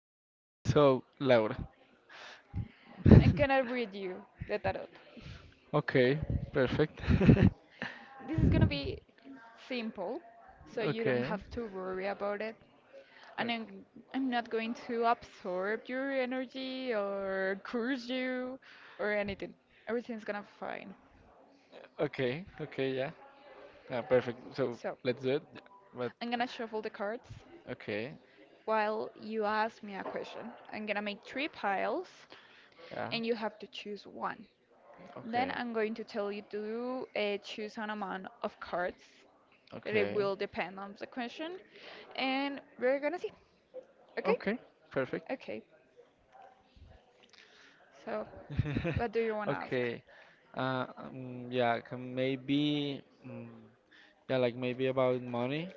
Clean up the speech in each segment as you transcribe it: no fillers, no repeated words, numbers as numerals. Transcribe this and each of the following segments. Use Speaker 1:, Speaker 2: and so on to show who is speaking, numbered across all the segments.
Speaker 1: So, Laura.
Speaker 2: I'm gonna read you the tarot.
Speaker 1: Okay, perfect.
Speaker 2: This is gonna be simple, so you don't
Speaker 1: Okay.
Speaker 2: have to worry about it. And I'm,
Speaker 1: o-
Speaker 2: I'm not going to absorb your energy or curse you or anything. Everything's gonna be fine.
Speaker 1: Okay, okay, yeah. Yeah, perfect. So,
Speaker 2: So
Speaker 1: let's do it. But
Speaker 2: I'm gonna shuffle the cards
Speaker 1: okay.
Speaker 2: while you ask me a question. I'm gonna make three piles
Speaker 1: Yeah.
Speaker 2: and you have to choose one. Then
Speaker 1: Okay.
Speaker 2: I'm going to tell you to choose an amount of cards that it
Speaker 1: Okay.
Speaker 2: will depend on the question, and we're gonna see. Okay?
Speaker 1: Okay. Perfect.
Speaker 2: Okay. So, what do you want to ask?
Speaker 1: Okay. Yeah, can maybe mm, yeah, like maybe about money.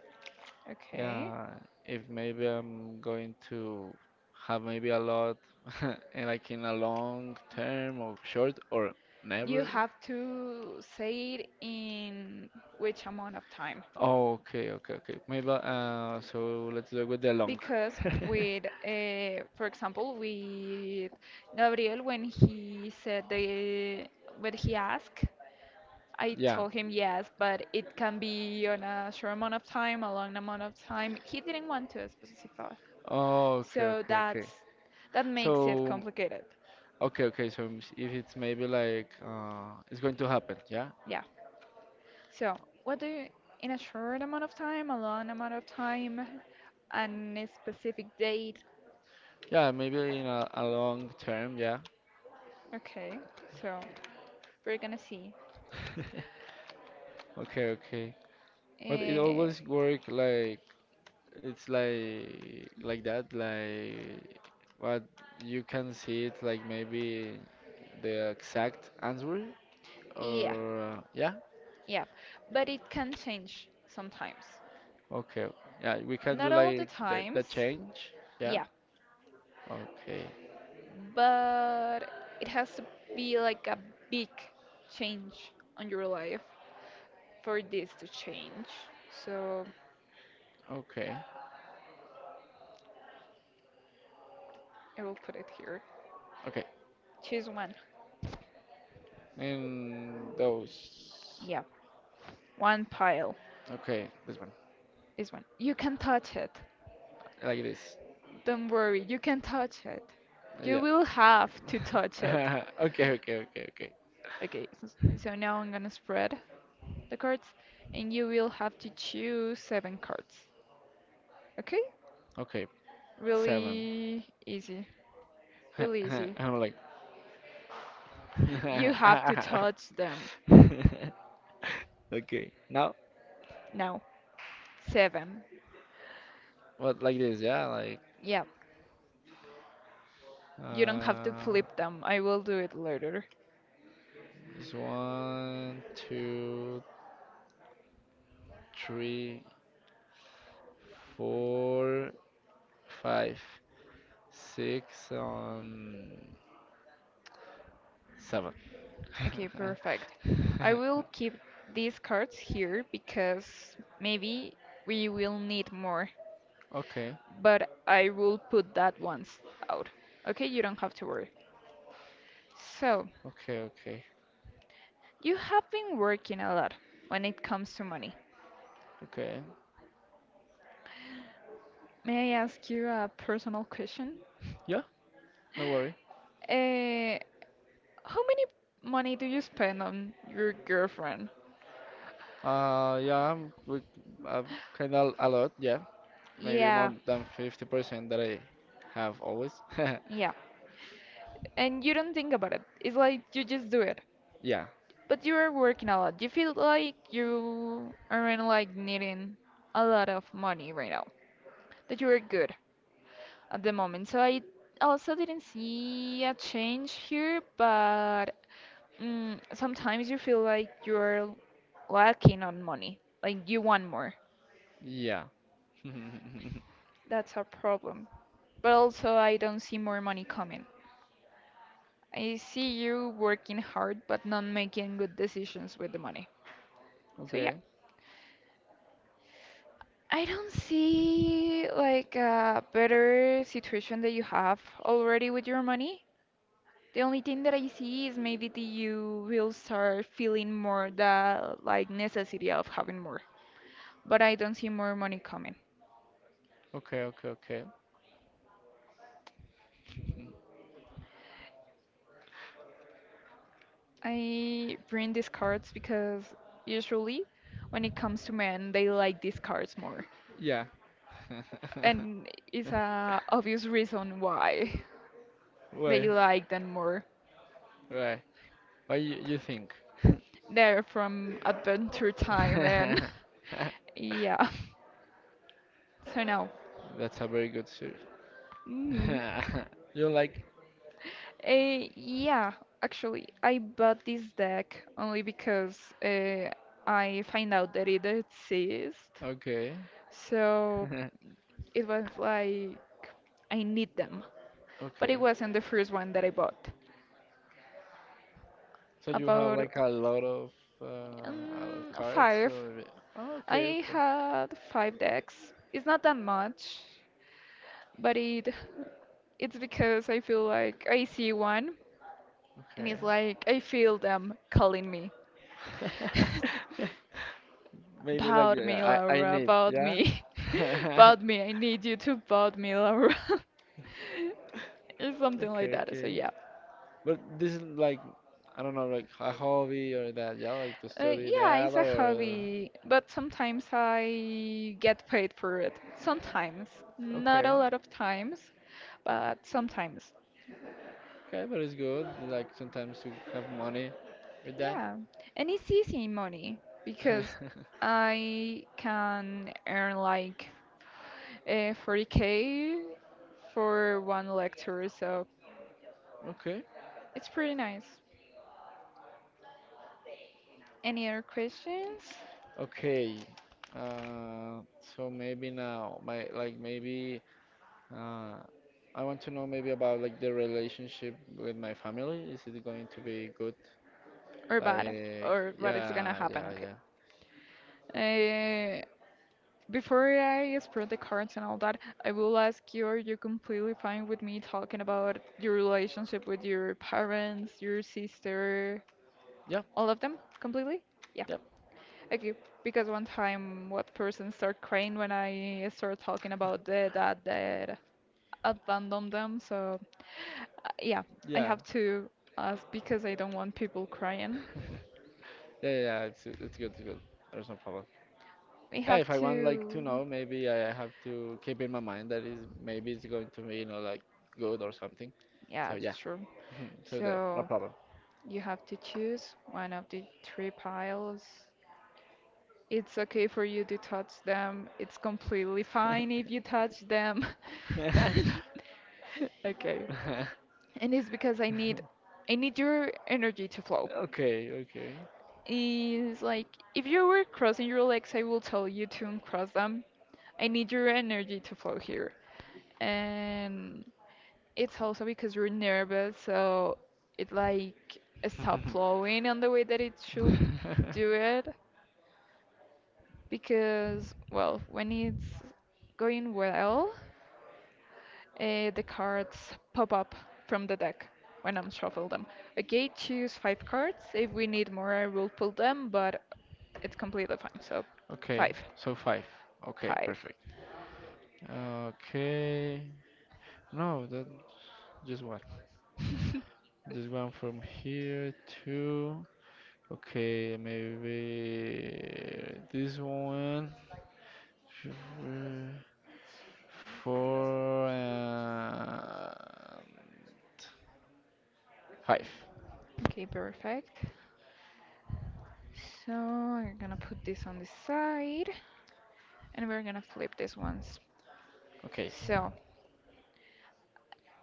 Speaker 2: Okay.
Speaker 1: Yeah, if maybe I'm going to have maybe a lot, and like in a long term or short or
Speaker 2: You
Speaker 1: never.
Speaker 2: have to say it in which amount of time?
Speaker 1: Oh, okay, okay, okay. Maybe so let's do it with the long.
Speaker 2: Because with, for example, with Gabriel, when he asked I
Speaker 1: Yeah.
Speaker 2: told him yes, but it can be on a short amount of time, a long amount of time. He didn't want to specify.
Speaker 1: Oh, okay,
Speaker 2: So
Speaker 1: okay, okay.
Speaker 2: that makes it
Speaker 1: So,
Speaker 2: complicated.
Speaker 1: okay, okay. So if it's maybe like it's going to happen, yeah,
Speaker 2: Yeah. So what do you in a short amount of time, a long amount of time, and a specific date?
Speaker 1: yeah, maybe in a long term, yeah.
Speaker 2: Okay. So we're gonna see.
Speaker 1: Okay, okay. But it
Speaker 2: Uh,
Speaker 1: always work like. It's like that, like what you can see it like maybe the exact answer or
Speaker 2: yeah,
Speaker 1: yeah.
Speaker 2: yeah. But it can change sometimes.
Speaker 1: Okay. Yeah, we can do
Speaker 2: Not all the
Speaker 1: like that
Speaker 2: times.
Speaker 1: that change. Yeah.
Speaker 2: Yeah.
Speaker 1: Okay.
Speaker 2: But it has to be like a big change on your life for this to change. So
Speaker 1: Okay.
Speaker 2: I will put it here.
Speaker 1: Okay.
Speaker 2: Choose one.
Speaker 1: And those.
Speaker 2: Yeah, one pile.
Speaker 1: Okay, this one.
Speaker 2: This one. You can touch it.
Speaker 1: Like this.
Speaker 2: Don't worry, you can touch it. You
Speaker 1: Yeah.
Speaker 2: will have to touch it.
Speaker 1: Okay, okay, okay, okay.
Speaker 2: Okay, so now I'm gonna spread the cards and you will have to choose seven cards. Okay?
Speaker 1: Okay. Seven.
Speaker 2: Really easy. Really easy.
Speaker 1: I'm like
Speaker 2: You have to touch them.
Speaker 1: Okay. Now
Speaker 2: Now, seven.
Speaker 1: What like this? Yeah, like
Speaker 2: Yeah, you don't have to
Speaker 1: uh,
Speaker 2: flip them. I will do it later.
Speaker 1: it's one, two, three, four, five, six, on seven.
Speaker 2: Okay, perfect. I will keep these cards here because maybe we will need more,
Speaker 1: Okay,
Speaker 2: but I will put that ones out. Okay, you don't have to worry. So,
Speaker 1: okay, okay,
Speaker 2: you have been working a lot when it comes to money.
Speaker 1: okay.
Speaker 2: May I ask you a personal question?
Speaker 1: Yeah, no worry.
Speaker 2: Uh, how many money do you spend on your girlfriend?
Speaker 1: Yeah, uh, kind of a lot. Yeah, maybe more
Speaker 2: Yeah.
Speaker 1: than 50% that I have always.
Speaker 2: Yeah. And you don't think about it. It's like you just do it.
Speaker 1: Yeah,
Speaker 2: But you are working a lot. You feel like you aren't like needing a lot of money right now. That you are good at the moment. So I also didn't see a change here, but sometimes you feel like you're lacking on money. Like you want more.
Speaker 1: yeah.
Speaker 2: That's a problem. But also I don't see more money coming. I see you working hard but not making good decisions with the money. So yeah,
Speaker 1: Okay,
Speaker 2: I don't see like a better situation that you have already with your money. The only thing that I see is maybe that you will start feeling more the like necessity of having more. But I don't see more money coming.
Speaker 1: okay, okay, okay.
Speaker 2: I bring these cards because usually when it comes to men, they like these cards more.
Speaker 1: Yeah.
Speaker 2: And it's a obvious reason why. That
Speaker 1: Why?
Speaker 2: you like them more.
Speaker 1: Why? Why you think?
Speaker 2: They're from Adventure Time and yeah. So now,
Speaker 1: That's a very good suit.
Speaker 2: mm
Speaker 1: You like?
Speaker 2: yeah, actually, I bought this deck only because uh, I find out that it exists.
Speaker 1: Okay.
Speaker 2: So it was like I need them, but
Speaker 1: Okay.
Speaker 2: it wasn't the first one that I bought.
Speaker 1: So you have
Speaker 2: About
Speaker 1: like a lot of cards
Speaker 2: five.
Speaker 1: or oh, okay,
Speaker 2: I
Speaker 1: okay,
Speaker 2: had five decks. It's not that much. But it It's because I feel like I see one and
Speaker 1: okay.
Speaker 2: it's like I feel them calling me.
Speaker 1: Maybe like
Speaker 2: About me,
Speaker 1: I
Speaker 2: Laura,
Speaker 1: need,
Speaker 2: about
Speaker 1: yeah.
Speaker 2: me. About me, I need you to about me, Laura. It's something like
Speaker 1: Okay,
Speaker 2: that. So
Speaker 1: okay.
Speaker 2: yeah.
Speaker 1: But this is like I don't know, like a hobby or that, yeah, like to study
Speaker 2: Yeah,
Speaker 1: that
Speaker 2: it's a
Speaker 1: or.
Speaker 2: hobby, but sometimes I get paid for it. Sometimes, not
Speaker 1: Okay,
Speaker 2: a lot of times, but sometimes.
Speaker 1: okay, but it's good. Like sometimes you have money with that.
Speaker 2: Yeah, and it's easy money because I can earn like 40k for one lecture, so
Speaker 1: Okay,
Speaker 2: it's pretty nice. Any other questions
Speaker 1: okay. Uh, so maybe now, my like maybe uh, I want to know maybe about like the relationship with my family. Is it going to be good?
Speaker 2: or bad
Speaker 1: Like,
Speaker 2: or what is gonna
Speaker 1: yeah, yeah,
Speaker 2: happen? Okay.
Speaker 1: yeah,
Speaker 2: Uh, before I spread the cards and all that, I will ask you, are you completely fine with me talking about your relationship with your parents, your sister,
Speaker 1: yeah,
Speaker 2: all of them completely? Yeah.
Speaker 1: yeah,
Speaker 2: Okay, because one time what person start crying when I start talking about the dad that abandoned them. So yeah, I
Speaker 1: yeah,
Speaker 2: have to ask because I don't want people crying.
Speaker 1: yeah, yeah. It's good, it's good. There's no problem.
Speaker 2: We
Speaker 1: Yeah,
Speaker 2: have
Speaker 1: if I want like to
Speaker 2: to.
Speaker 1: know, maybe I have to keep in my mind that is maybe it's going to be you know like good or something.
Speaker 2: Yeah,
Speaker 1: So
Speaker 2: that's
Speaker 1: yeah,
Speaker 2: true.
Speaker 1: so there, no
Speaker 2: So
Speaker 1: problem.
Speaker 2: you have to choose one of the three piles. It's okay for you to touch them. It's completely fine if you touch them. Okay. And it's because I need your energy to flow.
Speaker 1: Okay, okay,
Speaker 2: It's like if you were crossing your legs, I will tell you to uncross them. I need your energy to flow here. And it's also because you're nervous, so it like stop flowing on the way that it should do it because well, when it's going well, the cards pop up from the deck when I'm shuffle them. Okay, choose five cards. If we need more, I will pull them, but it's completely fine. So,
Speaker 1: okay.
Speaker 2: five,
Speaker 1: So five. Okay,
Speaker 2: five.
Speaker 1: perfect. Okay. No, that just one. Just one from here to. Okay, maybe this one. Four and five.
Speaker 2: Okay, perfect. So we're gonna put this on the side, and we're gonna flip these ones.
Speaker 1: Okay.
Speaker 2: So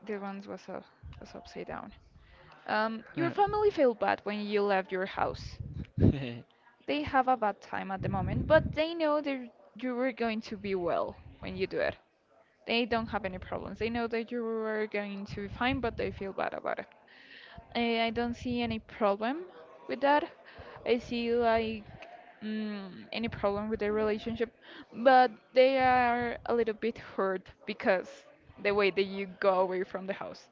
Speaker 2: the ones was up, was upside down. Your family felt bad when you left your house. They have a bad time at the moment, but they know that you were going to be well when you do it. They don't have any problems. They know that you are going to be fine, but they feel bad about it. I don't see any problem with that. I see like any problem with their relationship, but they are a little bit hurt because the way that you go away from the house.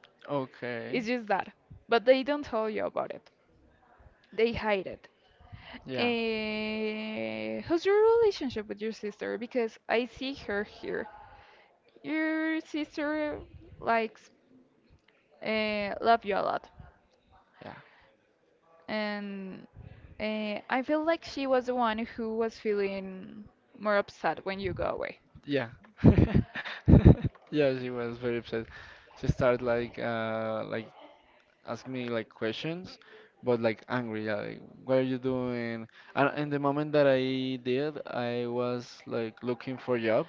Speaker 2: It's
Speaker 1: Okay.
Speaker 2: just that. But they don't tell you about it. They hide it.
Speaker 1: Yeah.
Speaker 2: Eh, how's your relationship with your sister? Because I see her here. Your sister likes love you a lot.
Speaker 1: Yeah.
Speaker 2: And I feel like she was the one who was feeling more upset when you go away.
Speaker 1: Yeah. Yeah, she was very upset. She started like asking me like questions, but like angry, yeah, like what are you doing? And in the moment that I did, I was like looking for job.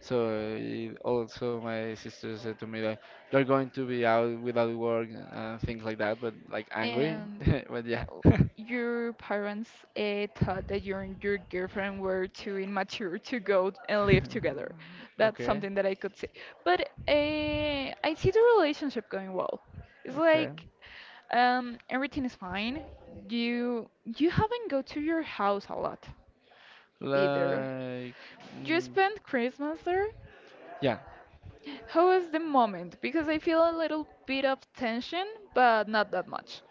Speaker 1: So it, also my sister said to me like you're going to be out without work and things like that, but like angry.
Speaker 2: And
Speaker 1: But yeah.
Speaker 2: uh, your parents thought that you and your girlfriend were too immature to go and live together. That's
Speaker 1: Okay,
Speaker 2: something that I could see. But uh, I see the relationship going well. It's
Speaker 1: okay.
Speaker 2: like everything is fine. You haven't go to your house a lot either.
Speaker 1: Like,
Speaker 2: You
Speaker 1: mm,
Speaker 2: spent Christmas there?
Speaker 1: yeah.
Speaker 2: How was the moment? Because I feel a little bit of tension, but not that much.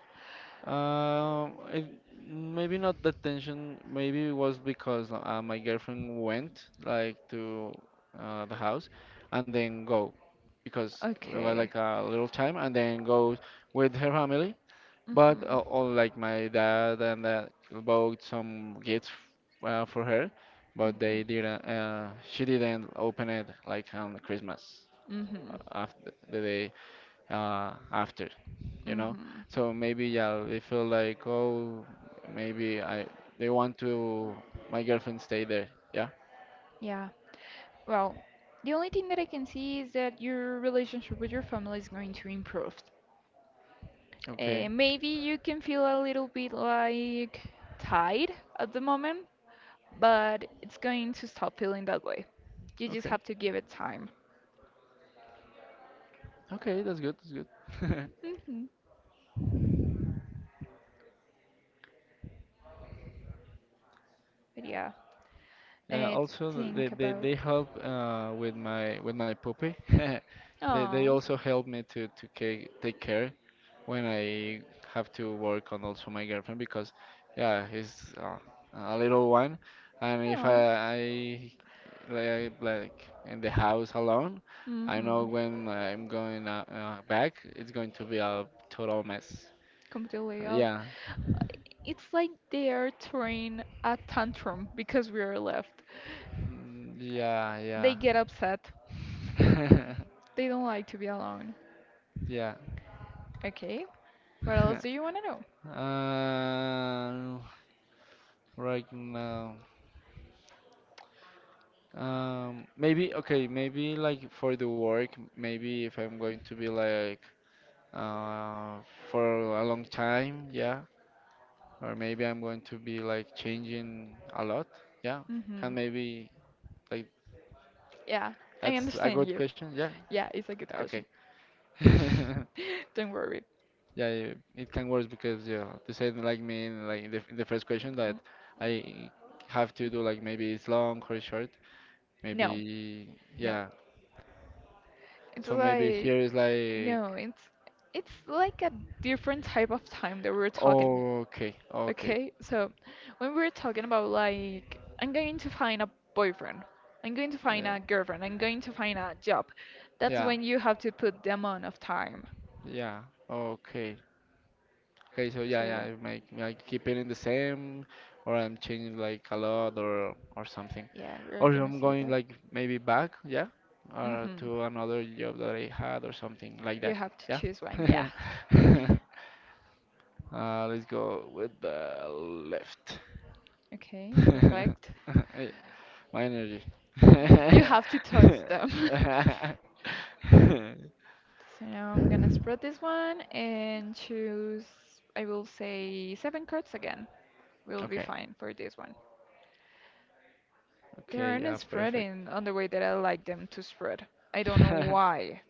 Speaker 1: It, maybe not the tension. Maybe it was because my girlfriend went like to the house, and then go because it was
Speaker 2: Okay.
Speaker 1: like a little time, and then go with her family.
Speaker 2: Mhm.
Speaker 1: But all like my dad and that bought some gifts for her, but they didn't. She didn't open it like on Christmas.
Speaker 2: Mhm. Mhm.
Speaker 1: After the day after, you know.
Speaker 2: Mhm.
Speaker 1: So maybe yeah, they feel like oh, maybe I they want to my girlfriend stay there. Yeah.
Speaker 2: Yeah. Well, the only thing that I can see is that your relationship with your family is going to improve.
Speaker 1: Okay.
Speaker 2: Maybe you can feel a little bit like tired at the moment, but it's going to stop feeling that way. You just
Speaker 1: Okay.
Speaker 2: have to give it time.
Speaker 1: Okay. That's good. That's good.
Speaker 2: hmm But yeah,
Speaker 1: Yeah.
Speaker 2: uh,
Speaker 1: Also, they
Speaker 2: think
Speaker 1: they
Speaker 2: about.
Speaker 1: they help with my puppy. They
Speaker 2: Oh.
Speaker 1: also help me to ca take care when I have to work on also my girlfriend because yeah, he's a little one. And if I,
Speaker 2: Oh.
Speaker 1: I like in the house alone. I know
Speaker 2: hmm
Speaker 1: when I'm going back, it's going to be a total mess.
Speaker 2: Completely out.
Speaker 1: Yeah,
Speaker 2: It's like they are throwing a tantrum because we are left.
Speaker 1: Mm,
Speaker 2: They
Speaker 1: yeah,
Speaker 2: get upset.
Speaker 1: yeah,
Speaker 2: They don't like to be alone.
Speaker 1: yeah.
Speaker 2: Okay. What else do you want to know?
Speaker 1: Uh, right now, maybe okay, maybe like for the work, maybe if I'm going to be like uh for a long time, yeah, or maybe I'm going to be like changing a lot, yeah,
Speaker 2: Mhm.
Speaker 1: can maybe like.
Speaker 2: Yeah, I
Speaker 1: That's a
Speaker 2: understand you.
Speaker 1: good question. Yeah.
Speaker 2: Yeah, it's a good
Speaker 1: Yeah,
Speaker 2: question.
Speaker 1: okay.
Speaker 2: Don't worry.
Speaker 1: Yeah, it can work because yeah, to say it like me in like in the first question
Speaker 2: Mm,
Speaker 1: that I have to do like maybe it's long or short.
Speaker 2: no,
Speaker 1: Maybe
Speaker 2: no.
Speaker 1: yeah.
Speaker 2: It's
Speaker 1: So maybe here
Speaker 2: like
Speaker 1: is like
Speaker 2: no, it's like a different type of time that we're talking.
Speaker 1: okay, okay.
Speaker 2: Okay? So when we're talking about like I'm going to find a boyfriend, I'm going to find
Speaker 1: Yeah.
Speaker 2: a girlfriend, I'm going to find a job. That's
Speaker 1: Yeah.
Speaker 2: when you have to put the amount of time.
Speaker 1: Yeah. Okay. Okay, so yeah,
Speaker 2: So
Speaker 1: yeah,
Speaker 2: yeah.
Speaker 1: I keep it in the same, or I'm changing like a lot, or something,
Speaker 2: Yeah, we're
Speaker 1: or
Speaker 2: gonna
Speaker 1: I'm
Speaker 2: see
Speaker 1: going
Speaker 2: that.
Speaker 1: like maybe back, yeah, or
Speaker 2: Mm-hmm.
Speaker 1: to another job that I had or something like that,
Speaker 2: You have to
Speaker 1: yeah.
Speaker 2: choose one, yeah.
Speaker 1: Let's go with the left.
Speaker 2: Okay, perfect.
Speaker 1: Eh, My energy.
Speaker 2: You have to touch them. So now I'm gonna spread this one and choose, I will say, seven cards again. We'll be
Speaker 1: Okay,
Speaker 2: fine for this one. They
Speaker 1: okay, yeah,
Speaker 2: aren't
Speaker 1: perfect.
Speaker 2: spreading on the way that I like them to spread. I don't know why.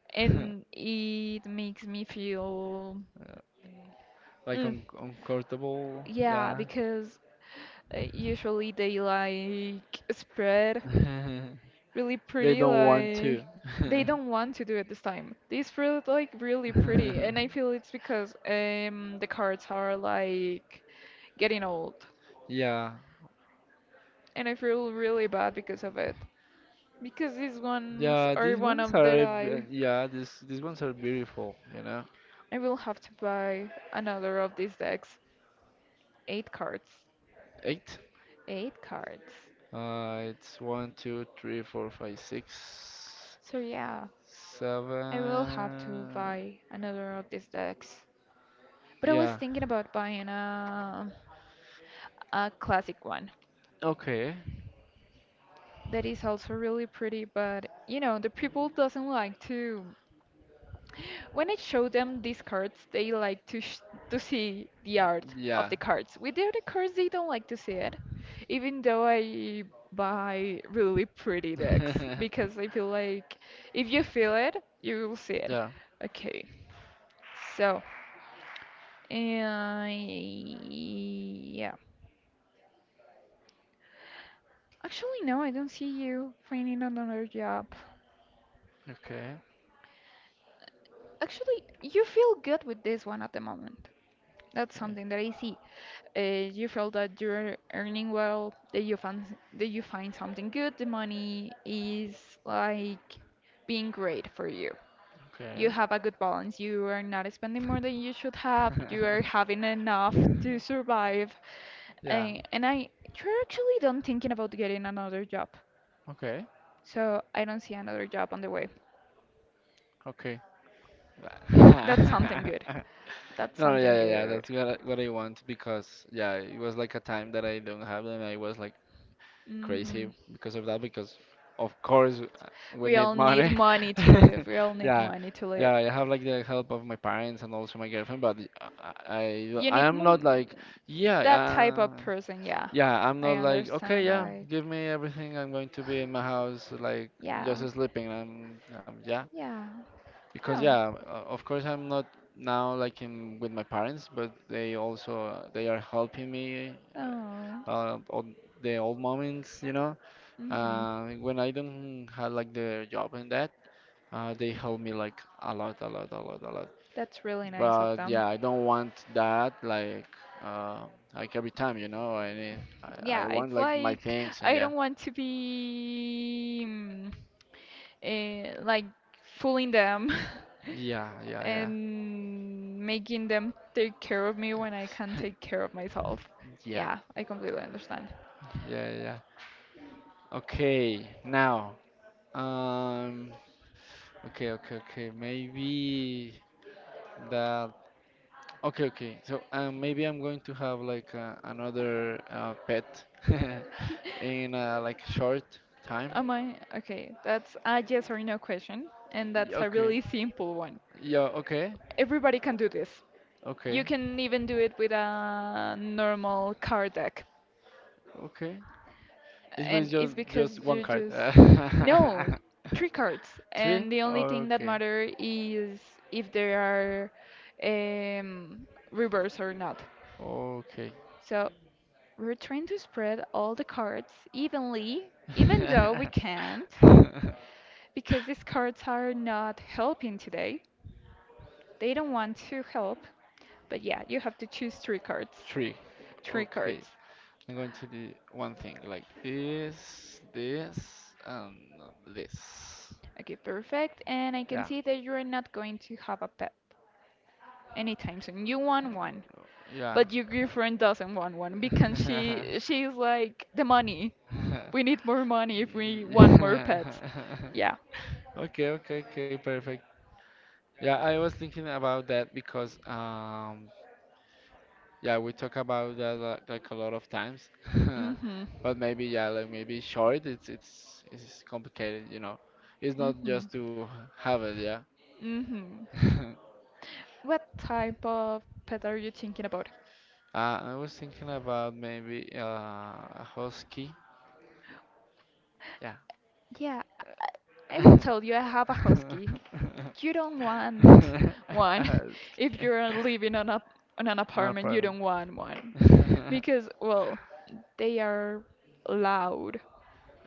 Speaker 2: And it makes me feel.
Speaker 1: Like
Speaker 2: Mm,
Speaker 1: un uncomfortable,
Speaker 2: yeah,
Speaker 1: yeah.
Speaker 2: because usually they like spread really
Speaker 1: They
Speaker 2: pretty
Speaker 1: don't want to.
Speaker 2: like they don't want to do it this time. These feel like really pretty and I feel it's because the cards are like getting old
Speaker 1: Yeah,
Speaker 2: and I feel really bad because of it because these ones
Speaker 1: yeah.
Speaker 2: are
Speaker 1: These
Speaker 2: one
Speaker 1: ones
Speaker 2: of that
Speaker 1: are, yeah. These ones are beautiful. You know,
Speaker 2: I will have to buy another of these decks. Eight cards.
Speaker 1: eight.
Speaker 2: eight cards
Speaker 1: It's one, two, three, four, five, six,
Speaker 2: so yeah,
Speaker 1: seven.
Speaker 2: I will have to buy another of these decks. But I was
Speaker 1: Yeah.
Speaker 2: thinking about buying a classic one
Speaker 1: Okay.
Speaker 2: that is also really pretty, but you know, the people doesn't like to when I show them these cards, they like to sh to see the art of the
Speaker 1: Yeah.
Speaker 2: cards. With the other cards, they don't like to see it, even though I buy really pretty decks because I feel like if you feel it, you will see it.
Speaker 1: Yeah.
Speaker 2: Okay. So, uh, yeah. Actually, no, I don't see you finding another job.
Speaker 1: Okay.
Speaker 2: Actually, you feel good with this one at the moment. That's
Speaker 1: Okay.
Speaker 2: something that I see. You feel that you're earning well, that you find something good. The money is like being great for you. You
Speaker 1: Okay.
Speaker 2: have a good balance. You are not spending more than you should have. You are having enough to survive.
Speaker 1: Yeah.
Speaker 2: Uh, and I, you're actually don't thinking about getting another job.
Speaker 1: Okay.
Speaker 2: So I don't see another job on the way.
Speaker 1: Okay.
Speaker 2: That's something good. That's
Speaker 1: No, no,
Speaker 2: something
Speaker 1: yeah, yeah, yeah.
Speaker 2: good.
Speaker 1: That's what I want because yeah, it was like a time that I don't have and I was like
Speaker 2: hmm
Speaker 1: crazy because of that because of course we
Speaker 2: We all
Speaker 1: need
Speaker 2: need
Speaker 1: money.
Speaker 2: money to live. We all need
Speaker 1: Yeah,
Speaker 2: money to
Speaker 1: yeah.
Speaker 2: live.
Speaker 1: I have like the help of my parents and also my girlfriend, but I I,
Speaker 2: You
Speaker 1: I
Speaker 2: need
Speaker 1: am not
Speaker 2: mo-
Speaker 1: like yeah,
Speaker 2: that type of person, yeah.
Speaker 1: yeah. I'm
Speaker 2: I
Speaker 1: not like okay,
Speaker 2: understand,
Speaker 1: yeah.
Speaker 2: like,
Speaker 1: Give me everything. I'm going to be in my house like just
Speaker 2: yeah,
Speaker 1: sleeping. I am yeah.
Speaker 2: yeah,
Speaker 1: Because
Speaker 2: yeah.
Speaker 1: yeah, of course I'm not now like in with my parents, but they also they are helping me
Speaker 2: Oh,
Speaker 1: on the old moments.
Speaker 2: hmm
Speaker 1: When I don't have like the job and that, they help me like a lot, a lot, a lot, a lot.
Speaker 2: that's really nice of
Speaker 1: But
Speaker 2: them.
Speaker 1: yeah, I don't want that uh, like every time. I
Speaker 2: Yeah,
Speaker 1: want
Speaker 2: it's
Speaker 1: like my
Speaker 2: like
Speaker 1: things and
Speaker 2: I
Speaker 1: yeah,
Speaker 2: don't want to be like fooling them
Speaker 1: yeah, yeah, yeah,
Speaker 2: and making them take care of me when I can take care of myself.
Speaker 1: yeah,
Speaker 2: Yeah, I completely understand.
Speaker 1: yeah, yeah. Okay, now. Um, Okay, okay, okay. Maybe that. Okay, okay. So maybe I'm going to have like another pet in like short time.
Speaker 2: Am I okay? That's a yes or no question, and that's a
Speaker 1: Okay.
Speaker 2: really simple one.
Speaker 1: Yeah. Okay.
Speaker 2: Everybody can do this.
Speaker 1: Okay.
Speaker 2: You can even do it with a normal card deck.
Speaker 1: Okay. It was
Speaker 2: And
Speaker 1: just
Speaker 2: it's because
Speaker 1: just one
Speaker 2: you
Speaker 1: card.
Speaker 2: just. No, three cards.
Speaker 1: Three.
Speaker 2: And the only thing that
Speaker 1: Okay.
Speaker 2: matter is if they are um, reverse or not.
Speaker 1: Okay.
Speaker 2: So we're trying to spread all the cards evenly, even though we can't, because these cards are not helping today. They don't want to help. But yeah, you have to choose three cards.
Speaker 1: Three.
Speaker 2: Three
Speaker 1: Okay.
Speaker 2: cards.
Speaker 1: I'm going to do one thing like this, and this.
Speaker 2: Okay, perfect. And I
Speaker 1: Yeah,
Speaker 2: can see that you're not going to have a pet anytime soon. You want one,
Speaker 1: yeah.
Speaker 2: but your girlfriend doesn't want one because she she's like the money. We need more money if we want more
Speaker 1: Yeah.
Speaker 2: pets. Yeah.
Speaker 1: Okay, okay, okay, perfect. Yeah, I was thinking about that because yeah, we talk about that like a lot of times.
Speaker 2: Mhm.
Speaker 1: But maybe yeah, like maybe short, it's complicated. It's not
Speaker 2: Mhm.
Speaker 1: just to have it, yeah.
Speaker 2: Mhm. What type of pet are you thinking about?
Speaker 1: I was thinking about maybe a husky. Yeah.
Speaker 2: Yeah, I will tell you, I have a husky. You don't want one. If
Speaker 1: Husky.
Speaker 2: you're living on an
Speaker 1: No
Speaker 2: apartment, you
Speaker 1: problem.
Speaker 2: don't want one because, well, they are loud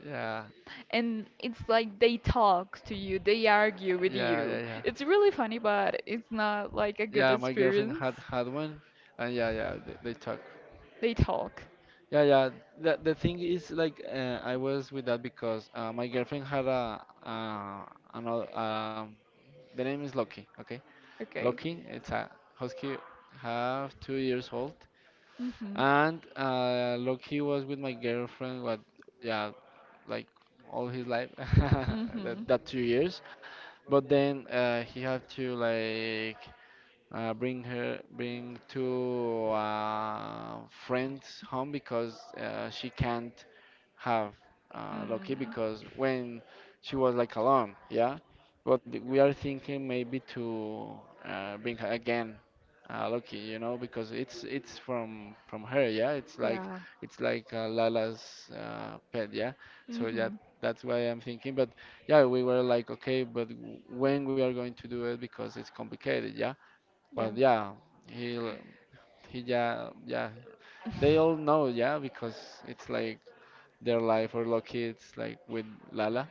Speaker 1: Yeah,
Speaker 2: and it's like they talk to you, they argue with
Speaker 1: yeah, yeah,
Speaker 2: you.
Speaker 1: yeah.
Speaker 2: It's really funny, but it's not like a good
Speaker 1: Yeah, my girlfriend
Speaker 2: experience.
Speaker 1: had had one, and yeah, yeah, they talk.
Speaker 2: They talk.
Speaker 1: Yeah, yeah. The thing is, like, I was with that because my girlfriend had a another. The name is Loki. Okay,
Speaker 2: Okay.
Speaker 1: Loki. It's a husky, half 2 years old.
Speaker 2: Mhm.
Speaker 1: And Loki was with my girlfriend, what, yeah, like all his life,
Speaker 2: Mhm.
Speaker 1: that 2 years. But then he had to like bring two friends home because she can't have Loki
Speaker 2: Mm.
Speaker 1: because when she was like alone, yeah. But we are thinking maybe to bring her again, Loki, because it's from her, yeah. It's like
Speaker 2: Yeah.
Speaker 1: it's like Lala's pet, yeah. So yeah,
Speaker 2: Mhm.
Speaker 1: that's why I'm thinking. But yeah, we were like, okay, but when we are going to do it because it's complicated, yeah. Well,
Speaker 2: Yeah.
Speaker 1: yeah, he he yeah yeah they all know yeah because it's like their life or lucky it's like with Lala,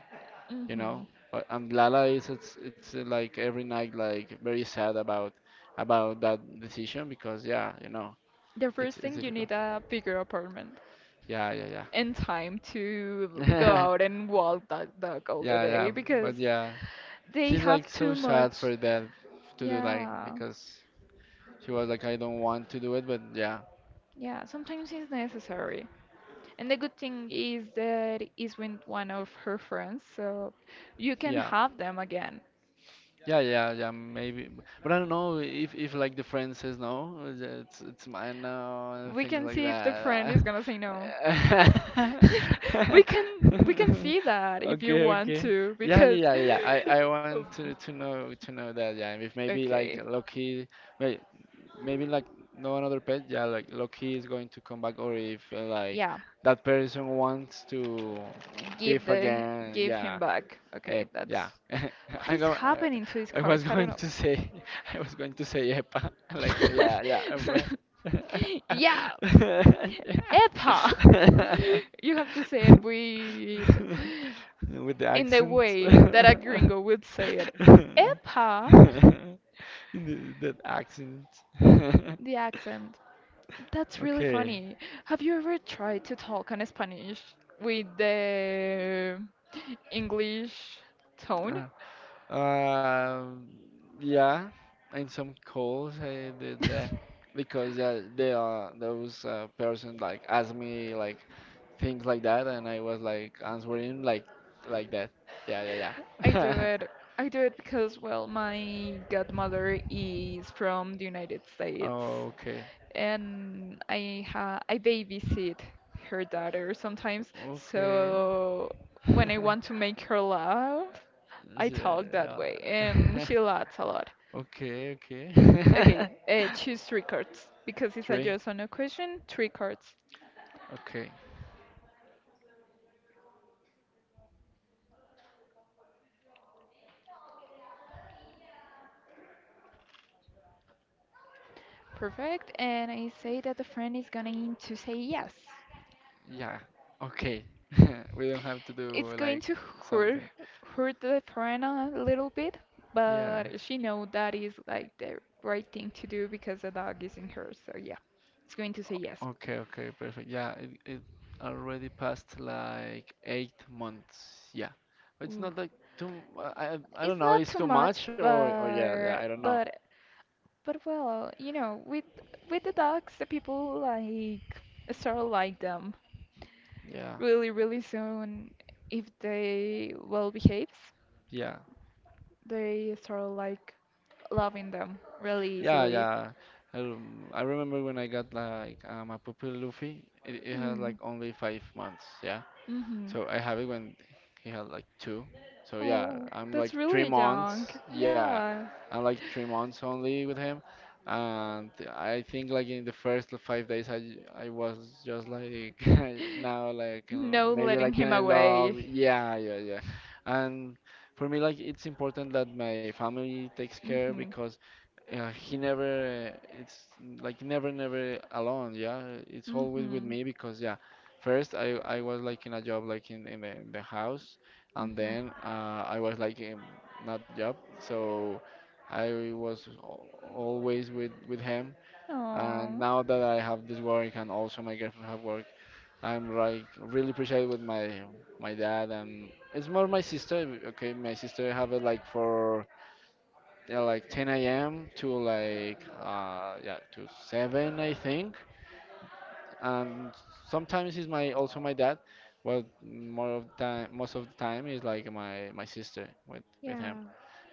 Speaker 1: you
Speaker 2: Mhm.
Speaker 1: know. But and Lala is it's like every night like very sad about that decision because yeah
Speaker 2: The
Speaker 1: it's
Speaker 2: first
Speaker 1: it's
Speaker 2: thing, you
Speaker 1: difficult.
Speaker 2: need a bigger apartment
Speaker 1: Yeah yeah
Speaker 2: and time to go
Speaker 1: yeah
Speaker 2: out and walk that dog all the
Speaker 1: yeah yeah
Speaker 2: day because
Speaker 1: but yeah
Speaker 2: they
Speaker 1: she's
Speaker 2: have
Speaker 1: like so
Speaker 2: too
Speaker 1: sad
Speaker 2: much.
Speaker 1: for that to do like
Speaker 2: Yeah.
Speaker 1: because she was like I don't want to do it but yeah
Speaker 2: Yeah. Sometimes it's necessary. And the good thing is that is with one of her friends, so you can
Speaker 1: yeah
Speaker 2: have them again.
Speaker 1: Yeah, yeah, yeah, maybe. But I don't know if like the friend says no, it's mine now and
Speaker 2: We
Speaker 1: things
Speaker 2: can
Speaker 1: like
Speaker 2: see if the friend
Speaker 1: that.
Speaker 2: is gonna say no. we can we can see that, if you
Speaker 1: Okay,
Speaker 2: want
Speaker 1: okay.
Speaker 2: to,
Speaker 1: Yeah,
Speaker 2: because
Speaker 1: yeah, yeah, yeah. I want
Speaker 2: um,
Speaker 1: to know to know that. Yeah, if maybe like
Speaker 2: okay,
Speaker 1: Loki, wait, maybe like no another pet. Yeah, like Loki is going to come back, or if like
Speaker 2: yeah,
Speaker 1: that person wants to
Speaker 2: give
Speaker 1: give
Speaker 2: the
Speaker 1: again.
Speaker 2: give him
Speaker 1: Yeah,
Speaker 2: back. Okay, that's
Speaker 1: Yeah.
Speaker 2: what
Speaker 1: I
Speaker 2: is
Speaker 1: go
Speaker 2: happening to his
Speaker 1: I was
Speaker 2: cards. I
Speaker 1: going
Speaker 2: don't
Speaker 1: to say I was going to say epa. Like yeah, yeah.
Speaker 2: know. Yeah,
Speaker 1: Epa.
Speaker 2: Epa! You have to say
Speaker 1: Yeah.
Speaker 2: it with
Speaker 1: With the
Speaker 2: in the
Speaker 1: accent.
Speaker 2: way that a gringo would say it.
Speaker 1: The-
Speaker 2: Epa!
Speaker 1: That accent.
Speaker 2: The accent. That's really
Speaker 1: Okay.
Speaker 2: funny. Have you ever tried to talk in Spanish with the English tone?
Speaker 1: Uh, Um, yeah, in some calls I did that because yeah, they are those person like asked me like things like that, and I was like answering like that. Yeah, yeah,
Speaker 2: I do
Speaker 1: yeah.
Speaker 2: it. I do it because, well, my godmother is from the United States,
Speaker 1: Okay,
Speaker 2: and I babysit her daughter sometimes.
Speaker 1: okay.
Speaker 2: So when I want to make her laugh, I
Speaker 1: Yeah.
Speaker 2: talk that way,
Speaker 1: Yeah.
Speaker 2: and she laughs a lot.
Speaker 1: Okay, okay.
Speaker 2: Okay, choose three cards because it's a
Speaker 1: Three.
Speaker 2: yes or no question. Three cards,
Speaker 1: Okay.
Speaker 2: perfect. And I say that the friend is going to say yes.
Speaker 1: Yeah. Okay. We don't have to
Speaker 2: It's
Speaker 1: do
Speaker 2: going
Speaker 1: like
Speaker 2: to hurt
Speaker 1: something.
Speaker 2: hurt the friend a little bit,
Speaker 1: Yeah.
Speaker 2: but she know that is like the right thing to do because the dog is in her. So yeah, it's going to say yes.
Speaker 1: Okay, okay, perfect. Yeah, it already passed like 8 months. Yeah, but it's
Speaker 2: Ooh.
Speaker 1: not like too. I don't
Speaker 2: It's
Speaker 1: know.
Speaker 2: not
Speaker 1: It's
Speaker 2: too
Speaker 1: too
Speaker 2: much,
Speaker 1: much or yeah, yeah, I
Speaker 2: but
Speaker 1: don't know.
Speaker 2: well, you know, with the dogs, the people like start like them
Speaker 1: Yeah,
Speaker 2: really, really soon if they well behaves.
Speaker 1: yeah,
Speaker 2: They start like loving them really
Speaker 1: yeah,
Speaker 2: easily.
Speaker 1: yeah. I remember when I got like a puppy Luffy. It has like
Speaker 2: Hmm.
Speaker 1: only 5 months. Yeah,
Speaker 2: Mm-hmm.
Speaker 1: so I have it when he had like two. So yeah,
Speaker 2: Oh,
Speaker 1: I'm like
Speaker 2: that's
Speaker 1: three
Speaker 2: really young.
Speaker 1: months. Yeah,
Speaker 2: Yeah.
Speaker 1: I'm like 3 months only with him, and I think like in the first 5 days I was just like now like
Speaker 2: No
Speaker 1: maybe
Speaker 2: letting
Speaker 1: like
Speaker 2: him
Speaker 1: in love.
Speaker 2: away.
Speaker 1: Yeah, yeah, yeah. And for me like it's important that my family takes care
Speaker 2: Mm-hmm.
Speaker 1: because yeah, he never, it's like never, never alone. Yeah, it's always with
Speaker 2: Mm-hmm.
Speaker 1: me because yeah, first I was like in a job like in the house, and then
Speaker 2: Mm-hmm.
Speaker 1: I was like in not job, so I was always with him. And
Speaker 2: Oh.
Speaker 1: now that I have this work and also my girlfriend have work, I'm like really appreciated with my dad and it's more my sister. Okay, my sister have it like for like 10 a.m. to like yeah to 7 I think. And sometimes it's my also my dad. Well, more of time most of the time is like my sister with him.
Speaker 2: Yeah.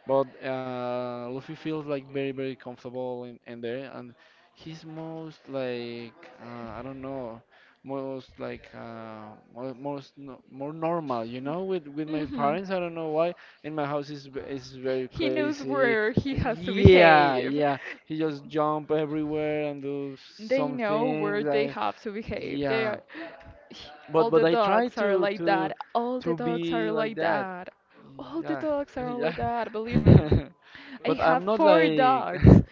Speaker 1: But Luffy feels like very, very comfortable in there, and he's most like I don't know, most like mo- most no, more normal, you know. With my
Speaker 2: Mm-hmm.
Speaker 1: parents, I don't know why. In my house is is very
Speaker 2: He knows
Speaker 1: crazy.
Speaker 2: where he has to
Speaker 1: Yeah,
Speaker 2: behave.
Speaker 1: yeah. He just jump everywhere and do
Speaker 2: They know where
Speaker 1: something.
Speaker 2: they
Speaker 1: Like,
Speaker 2: have to behave. They
Speaker 1: yeah,
Speaker 2: are,
Speaker 1: but
Speaker 2: all
Speaker 1: but
Speaker 2: the
Speaker 1: I try
Speaker 2: dogs are
Speaker 1: to
Speaker 2: like
Speaker 1: to
Speaker 2: that. All
Speaker 1: to
Speaker 2: the dogs
Speaker 1: be
Speaker 2: are
Speaker 1: like
Speaker 2: like
Speaker 1: that.
Speaker 2: that. All the
Speaker 1: Yeah,
Speaker 2: dogs are like
Speaker 1: yeah.
Speaker 2: that, believe me. I
Speaker 1: But I'm
Speaker 2: have
Speaker 1: not
Speaker 2: four
Speaker 1: like,
Speaker 2: dogs.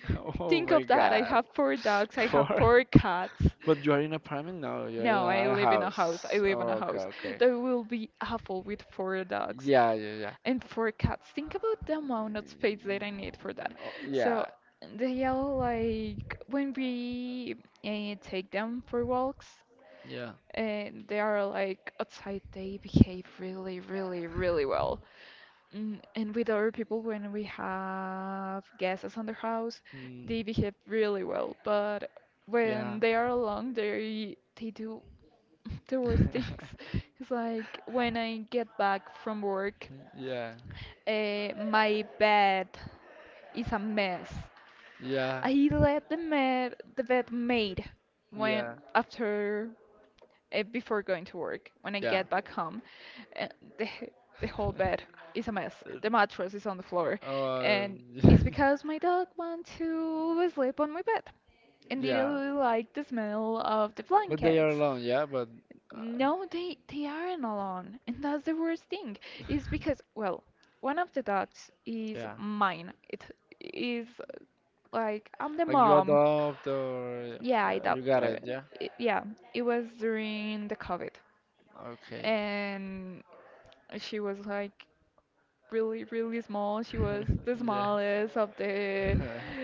Speaker 1: oh
Speaker 2: Think of
Speaker 1: my
Speaker 2: that. I have
Speaker 1: god,
Speaker 2: four dogs. I have
Speaker 1: poor.
Speaker 2: four cats.
Speaker 1: But you are in an apartment now. You're
Speaker 2: No,
Speaker 1: in
Speaker 2: I
Speaker 1: a
Speaker 2: live in a house. I
Speaker 1: house.
Speaker 2: live in a
Speaker 1: Oh, okay,
Speaker 2: house.
Speaker 1: okay.
Speaker 2: That will be awful with four dogs
Speaker 1: Yeah, yeah, yeah.
Speaker 2: and four cats. Think about the amount of space that I need for that.
Speaker 1: Oh,
Speaker 2: So
Speaker 1: yeah,
Speaker 2: they all like when we take them for walks,
Speaker 1: yeah.
Speaker 2: and they are like outside. They behave really, really, really well. Mm, and with other people, when we have guests on the house,
Speaker 1: Mm,
Speaker 2: they behave really well. But when
Speaker 1: yeah.
Speaker 2: they are alone, they do the worst things. Is like when I get back from work,
Speaker 1: Yeah,
Speaker 2: my bed is a mess.
Speaker 1: yeah,
Speaker 2: I let the bed made when
Speaker 1: yeah,
Speaker 2: after before going to work. When I
Speaker 1: yeah.
Speaker 2: get back home, uh, the h- the whole bed is a mess. The mattress is on the floor,
Speaker 1: Uh,
Speaker 2: and it's because my dog went to sleep on my bed and didn't
Speaker 1: yeah.
Speaker 2: really like the smell of the
Speaker 1: But they are
Speaker 2: blankets.
Speaker 1: alone. Yeah, but uh,
Speaker 2: No, they aren't alone, and that's the worst thing. Is because, well, one of the dogs is
Speaker 1: yeah.
Speaker 2: mine. It is like I'm the
Speaker 1: Like you
Speaker 2: mom.
Speaker 1: adopt or
Speaker 2: Yeah, I
Speaker 1: you
Speaker 2: adopted
Speaker 1: got
Speaker 2: her.
Speaker 1: it. Yeah.
Speaker 2: It- yeah, it was during the COVID,
Speaker 1: Okay.
Speaker 2: and she was like really, really small. She was the
Speaker 1: Yeah.
Speaker 2: smallest of the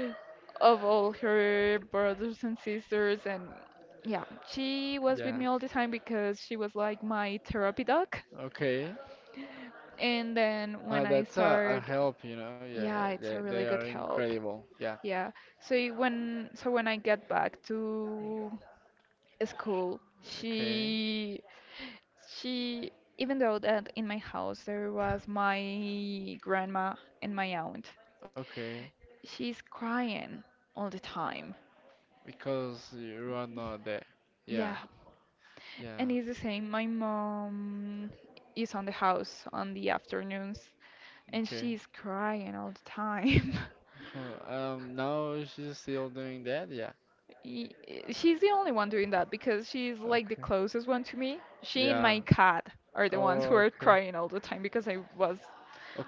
Speaker 2: of all her brothers and sisters, and yeah, she was with
Speaker 1: Yeah.
Speaker 2: me all the time because she was like my therapy dog.
Speaker 1: Okay.
Speaker 2: And then when I
Speaker 1: That's a
Speaker 2: start,
Speaker 1: help, you know. Yeah, yeah,
Speaker 2: yeah, it's
Speaker 1: they
Speaker 2: a
Speaker 1: they
Speaker 2: really
Speaker 1: are
Speaker 2: good help.
Speaker 1: incredible. Yeah.
Speaker 2: Yeah. So when I get back to school,
Speaker 1: Okay.
Speaker 2: she, even though that in my house there was my grandma and my aunt,
Speaker 1: Okay.
Speaker 2: she's crying all the time.
Speaker 1: Because you are not there.
Speaker 2: Yeah.
Speaker 1: Yeah.
Speaker 2: And
Speaker 1: Yeah.
Speaker 2: it's the same. My mom is on the house on the afternoons and
Speaker 1: Okay.
Speaker 2: she's crying all the time.
Speaker 1: Huh. Now she's still doing that. Yeah.
Speaker 2: She's the only one doing that because she's like the
Speaker 1: Okay.
Speaker 2: closest one to me. She and
Speaker 1: Yeah.
Speaker 2: my cat are the ones who
Speaker 1: Oh,
Speaker 2: are
Speaker 1: okay.
Speaker 2: crying all the time because I was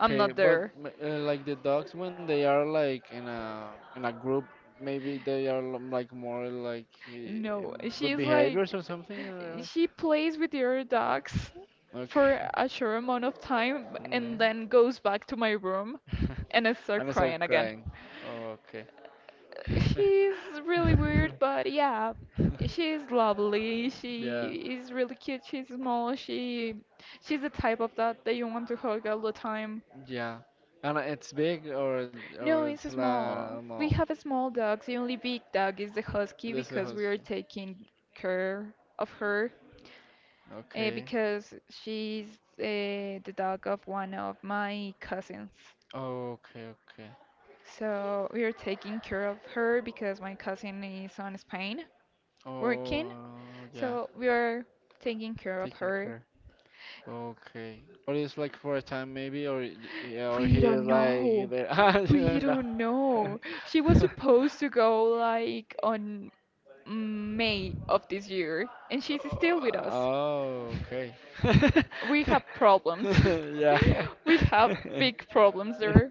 Speaker 2: I'm not
Speaker 1: But
Speaker 2: there.
Speaker 1: like the dogs, when they are like in a group, maybe they are like more like
Speaker 2: No,
Speaker 1: good
Speaker 2: she's like
Speaker 1: behaviors or something.
Speaker 2: she plays with the other dogs
Speaker 1: Okay.
Speaker 2: for a short amount of time and
Speaker 1: Mm.
Speaker 2: then goes back to my room and I
Speaker 1: I'm
Speaker 2: start
Speaker 1: start
Speaker 2: crying again.
Speaker 1: crying. Oh, okay.
Speaker 2: She's really weird, but yeah, she's lovely.
Speaker 1: Yeah,
Speaker 2: She is really cute. She's small. She's the type of dog that you want to hug all the time.
Speaker 1: yeah. And it's big or
Speaker 2: No, it's
Speaker 1: it's la
Speaker 2: small.
Speaker 1: small.
Speaker 2: We have a small dog. The only big dog is the husky
Speaker 1: This
Speaker 2: because
Speaker 1: house.
Speaker 2: we are taking care of her
Speaker 1: Okay.
Speaker 2: because she's the dog of one of my cousins.
Speaker 1: Okay, okay.
Speaker 2: So we are taking care of her because my cousin is on Spain
Speaker 1: Oh,
Speaker 2: working.
Speaker 1: yeah.
Speaker 2: So we are taking care of
Speaker 1: Taking
Speaker 2: her.
Speaker 1: care. Okay. Or it's like for a time maybe, or yeah, or
Speaker 2: We
Speaker 1: he
Speaker 2: don't
Speaker 1: is like
Speaker 2: know.
Speaker 1: there. I don't
Speaker 2: We don't know. She was
Speaker 1: know.
Speaker 2: supposed to go like on May of this year, and she's still with us.
Speaker 1: Oh, okay.
Speaker 2: We have problems.
Speaker 1: Yeah.
Speaker 2: We have big problems there.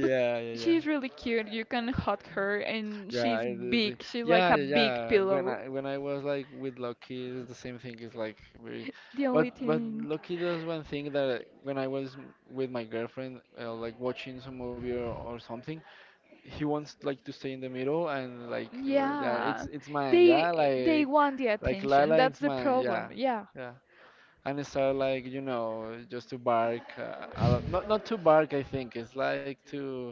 Speaker 2: But
Speaker 1: yeah, yeah.
Speaker 2: she's really cute. You can hug her, and
Speaker 1: Yeah,
Speaker 2: she's
Speaker 1: I do
Speaker 2: big. She's like
Speaker 1: yeah,
Speaker 2: a
Speaker 1: yeah,
Speaker 2: big
Speaker 1: yeah. When
Speaker 2: pillow.
Speaker 1: I when I was like with Loki, it's the same thing. It's like very,
Speaker 2: The only
Speaker 1: but
Speaker 2: thing.
Speaker 1: Loki does one thing that when I was with my girlfriend, like watching some movie or something, he wants like to stay in the middle and like well, yeah,
Speaker 2: Yeah,
Speaker 1: it's mine,
Speaker 2: they
Speaker 1: yeah,
Speaker 2: they
Speaker 1: like.
Speaker 2: want the
Speaker 1: Like
Speaker 2: attention.
Speaker 1: Lila
Speaker 2: That's
Speaker 1: is
Speaker 2: the
Speaker 1: my,
Speaker 2: problem.
Speaker 1: yeah,
Speaker 2: Yeah,
Speaker 1: yeah. And I start like, just to bark, a lot. Not to bark. I think it's like to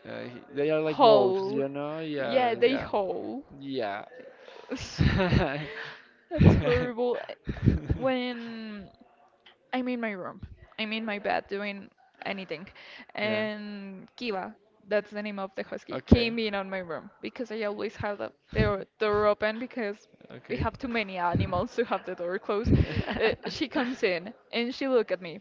Speaker 1: they are like wolves,
Speaker 2: hole.
Speaker 1: you know. Yeah,
Speaker 2: Yeah, they
Speaker 1: yeah,
Speaker 2: hole.
Speaker 1: yeah.
Speaker 2: That's horrible. When I'm in my room. I'm in my bed doing anything.
Speaker 1: yeah.
Speaker 2: And Kiva, that's the name of the husky,
Speaker 1: Okay.
Speaker 2: came in on my room because I always have the door open because we
Speaker 1: Okay.
Speaker 2: have too many animals to have the door closed. She comes in and she look at me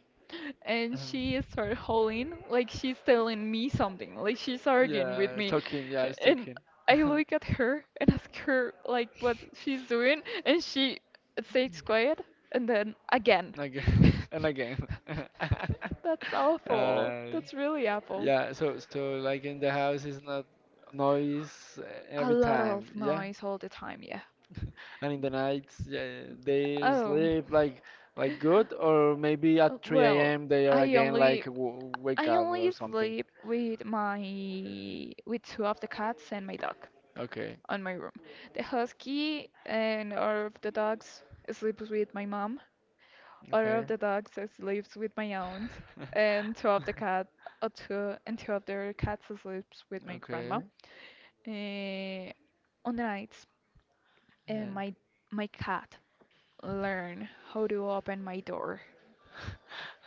Speaker 2: and
Speaker 1: Um,
Speaker 2: she started howling like she's telling me something, like she's arguing with
Speaker 1: yeah,
Speaker 2: me.
Speaker 1: talking. Yeah, it's
Speaker 2: And
Speaker 1: talking.
Speaker 2: I look at her and ask her like what she's doing, and she it stayed quiet, and then again.
Speaker 1: Again and again.
Speaker 2: That's awful.
Speaker 1: Uh,
Speaker 2: That's really awful.
Speaker 1: yeah, so like in the house is not noise
Speaker 2: A
Speaker 1: every
Speaker 2: lot
Speaker 1: time,
Speaker 2: of
Speaker 1: yeah.
Speaker 2: noise all the time, yeah.
Speaker 1: And in the nights, yeah, they
Speaker 2: Oh.
Speaker 1: sleep like good, or maybe at 3
Speaker 2: Well,
Speaker 1: a.m. they are
Speaker 2: I
Speaker 1: again like
Speaker 2: only
Speaker 1: w wake
Speaker 2: I
Speaker 1: up or
Speaker 2: only
Speaker 1: something.
Speaker 2: sleep with my with two of the cats and my dog
Speaker 1: Okay,
Speaker 2: on my room. The husky and our of the dogs sleeps with my mom, Order of
Speaker 1: okay,
Speaker 2: the Dog sleeps with my aunt, and Two of the Cats sleeps with my grandma.
Speaker 1: okay,
Speaker 2: Eh, on the nights, eh,
Speaker 1: yeah.
Speaker 2: my my cat learn how to open my door.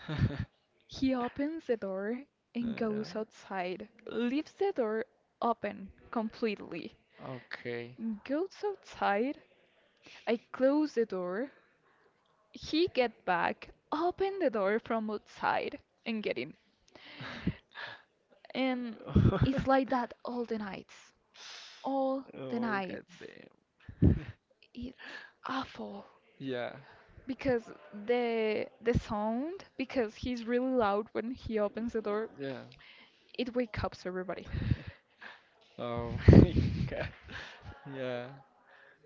Speaker 2: He opens the door and
Speaker 1: Yeah,
Speaker 2: goes outside, leaves the door open completely.
Speaker 1: okay.
Speaker 2: Goes outside. I close the door. He get back, open the door from outside, and get in. And it's like that all the nights. All the
Speaker 1: Oh god
Speaker 2: nights.
Speaker 1: damn.
Speaker 2: It's awful
Speaker 1: Yeah,
Speaker 2: because the sound, because he's really loud when he opens the door,
Speaker 1: yeah.
Speaker 2: it wakes up everybody.
Speaker 1: Oh my god. Yeah.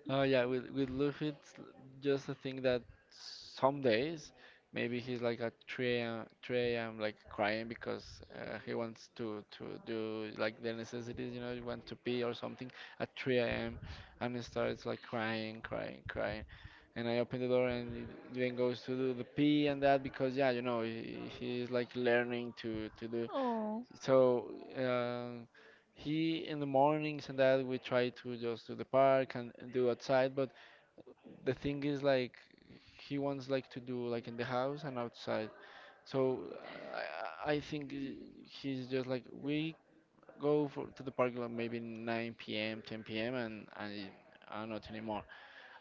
Speaker 1: Oh yeah, with Luffy, it's just a thing that some days maybe he's like at 3 a.m. 3 a.m. like crying because he wants to do like the necessities, you want to pee or something at 3 a.m. And he starts like crying, crying, crying. And I open the door and he then goes to do the pee and that because yeah, he's like learning to do.
Speaker 2: Oh,
Speaker 1: So uh, he in the mornings and that we try to just do the park and do outside. But the thing is like he wants like to do like in the house and outside. So I think he's just like we go for to the park like maybe 9 p.m. 10 p.m. and not anymore.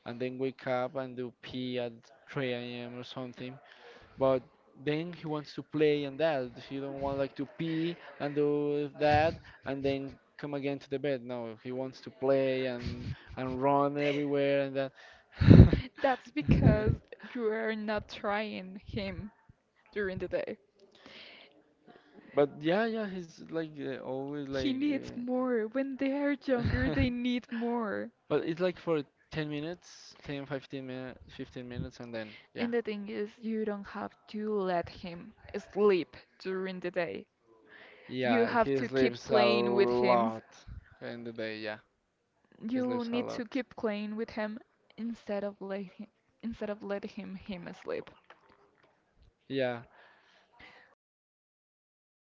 Speaker 1: And then wake up and do pee at 3 a.m. or something, but then he wants to play and that he don't want like to pee and do that, and then come again to the bed. No, he wants to play and run everywhere and that.
Speaker 2: that's because you are not trying him during the day.
Speaker 1: But yeah, yeah, he's like always
Speaker 2: He
Speaker 1: like
Speaker 2: needs more. When they are younger,
Speaker 1: uh,
Speaker 2: they need more.
Speaker 1: but it's like for 10 minutes, 10, fifteen, 15 minutes, 15 minutes and then yeah,
Speaker 2: And the thing is, you don't have to let him sleep during the day. You
Speaker 1: yeah,
Speaker 2: have
Speaker 1: he
Speaker 2: to keep
Speaker 1: sleeps a
Speaker 2: playing with him.
Speaker 1: lot in the day, yeah, he
Speaker 2: You
Speaker 1: sleeps a
Speaker 2: need
Speaker 1: lot,
Speaker 2: to keep playing with him instead of let him, instead of let him him asleep.
Speaker 1: yeah.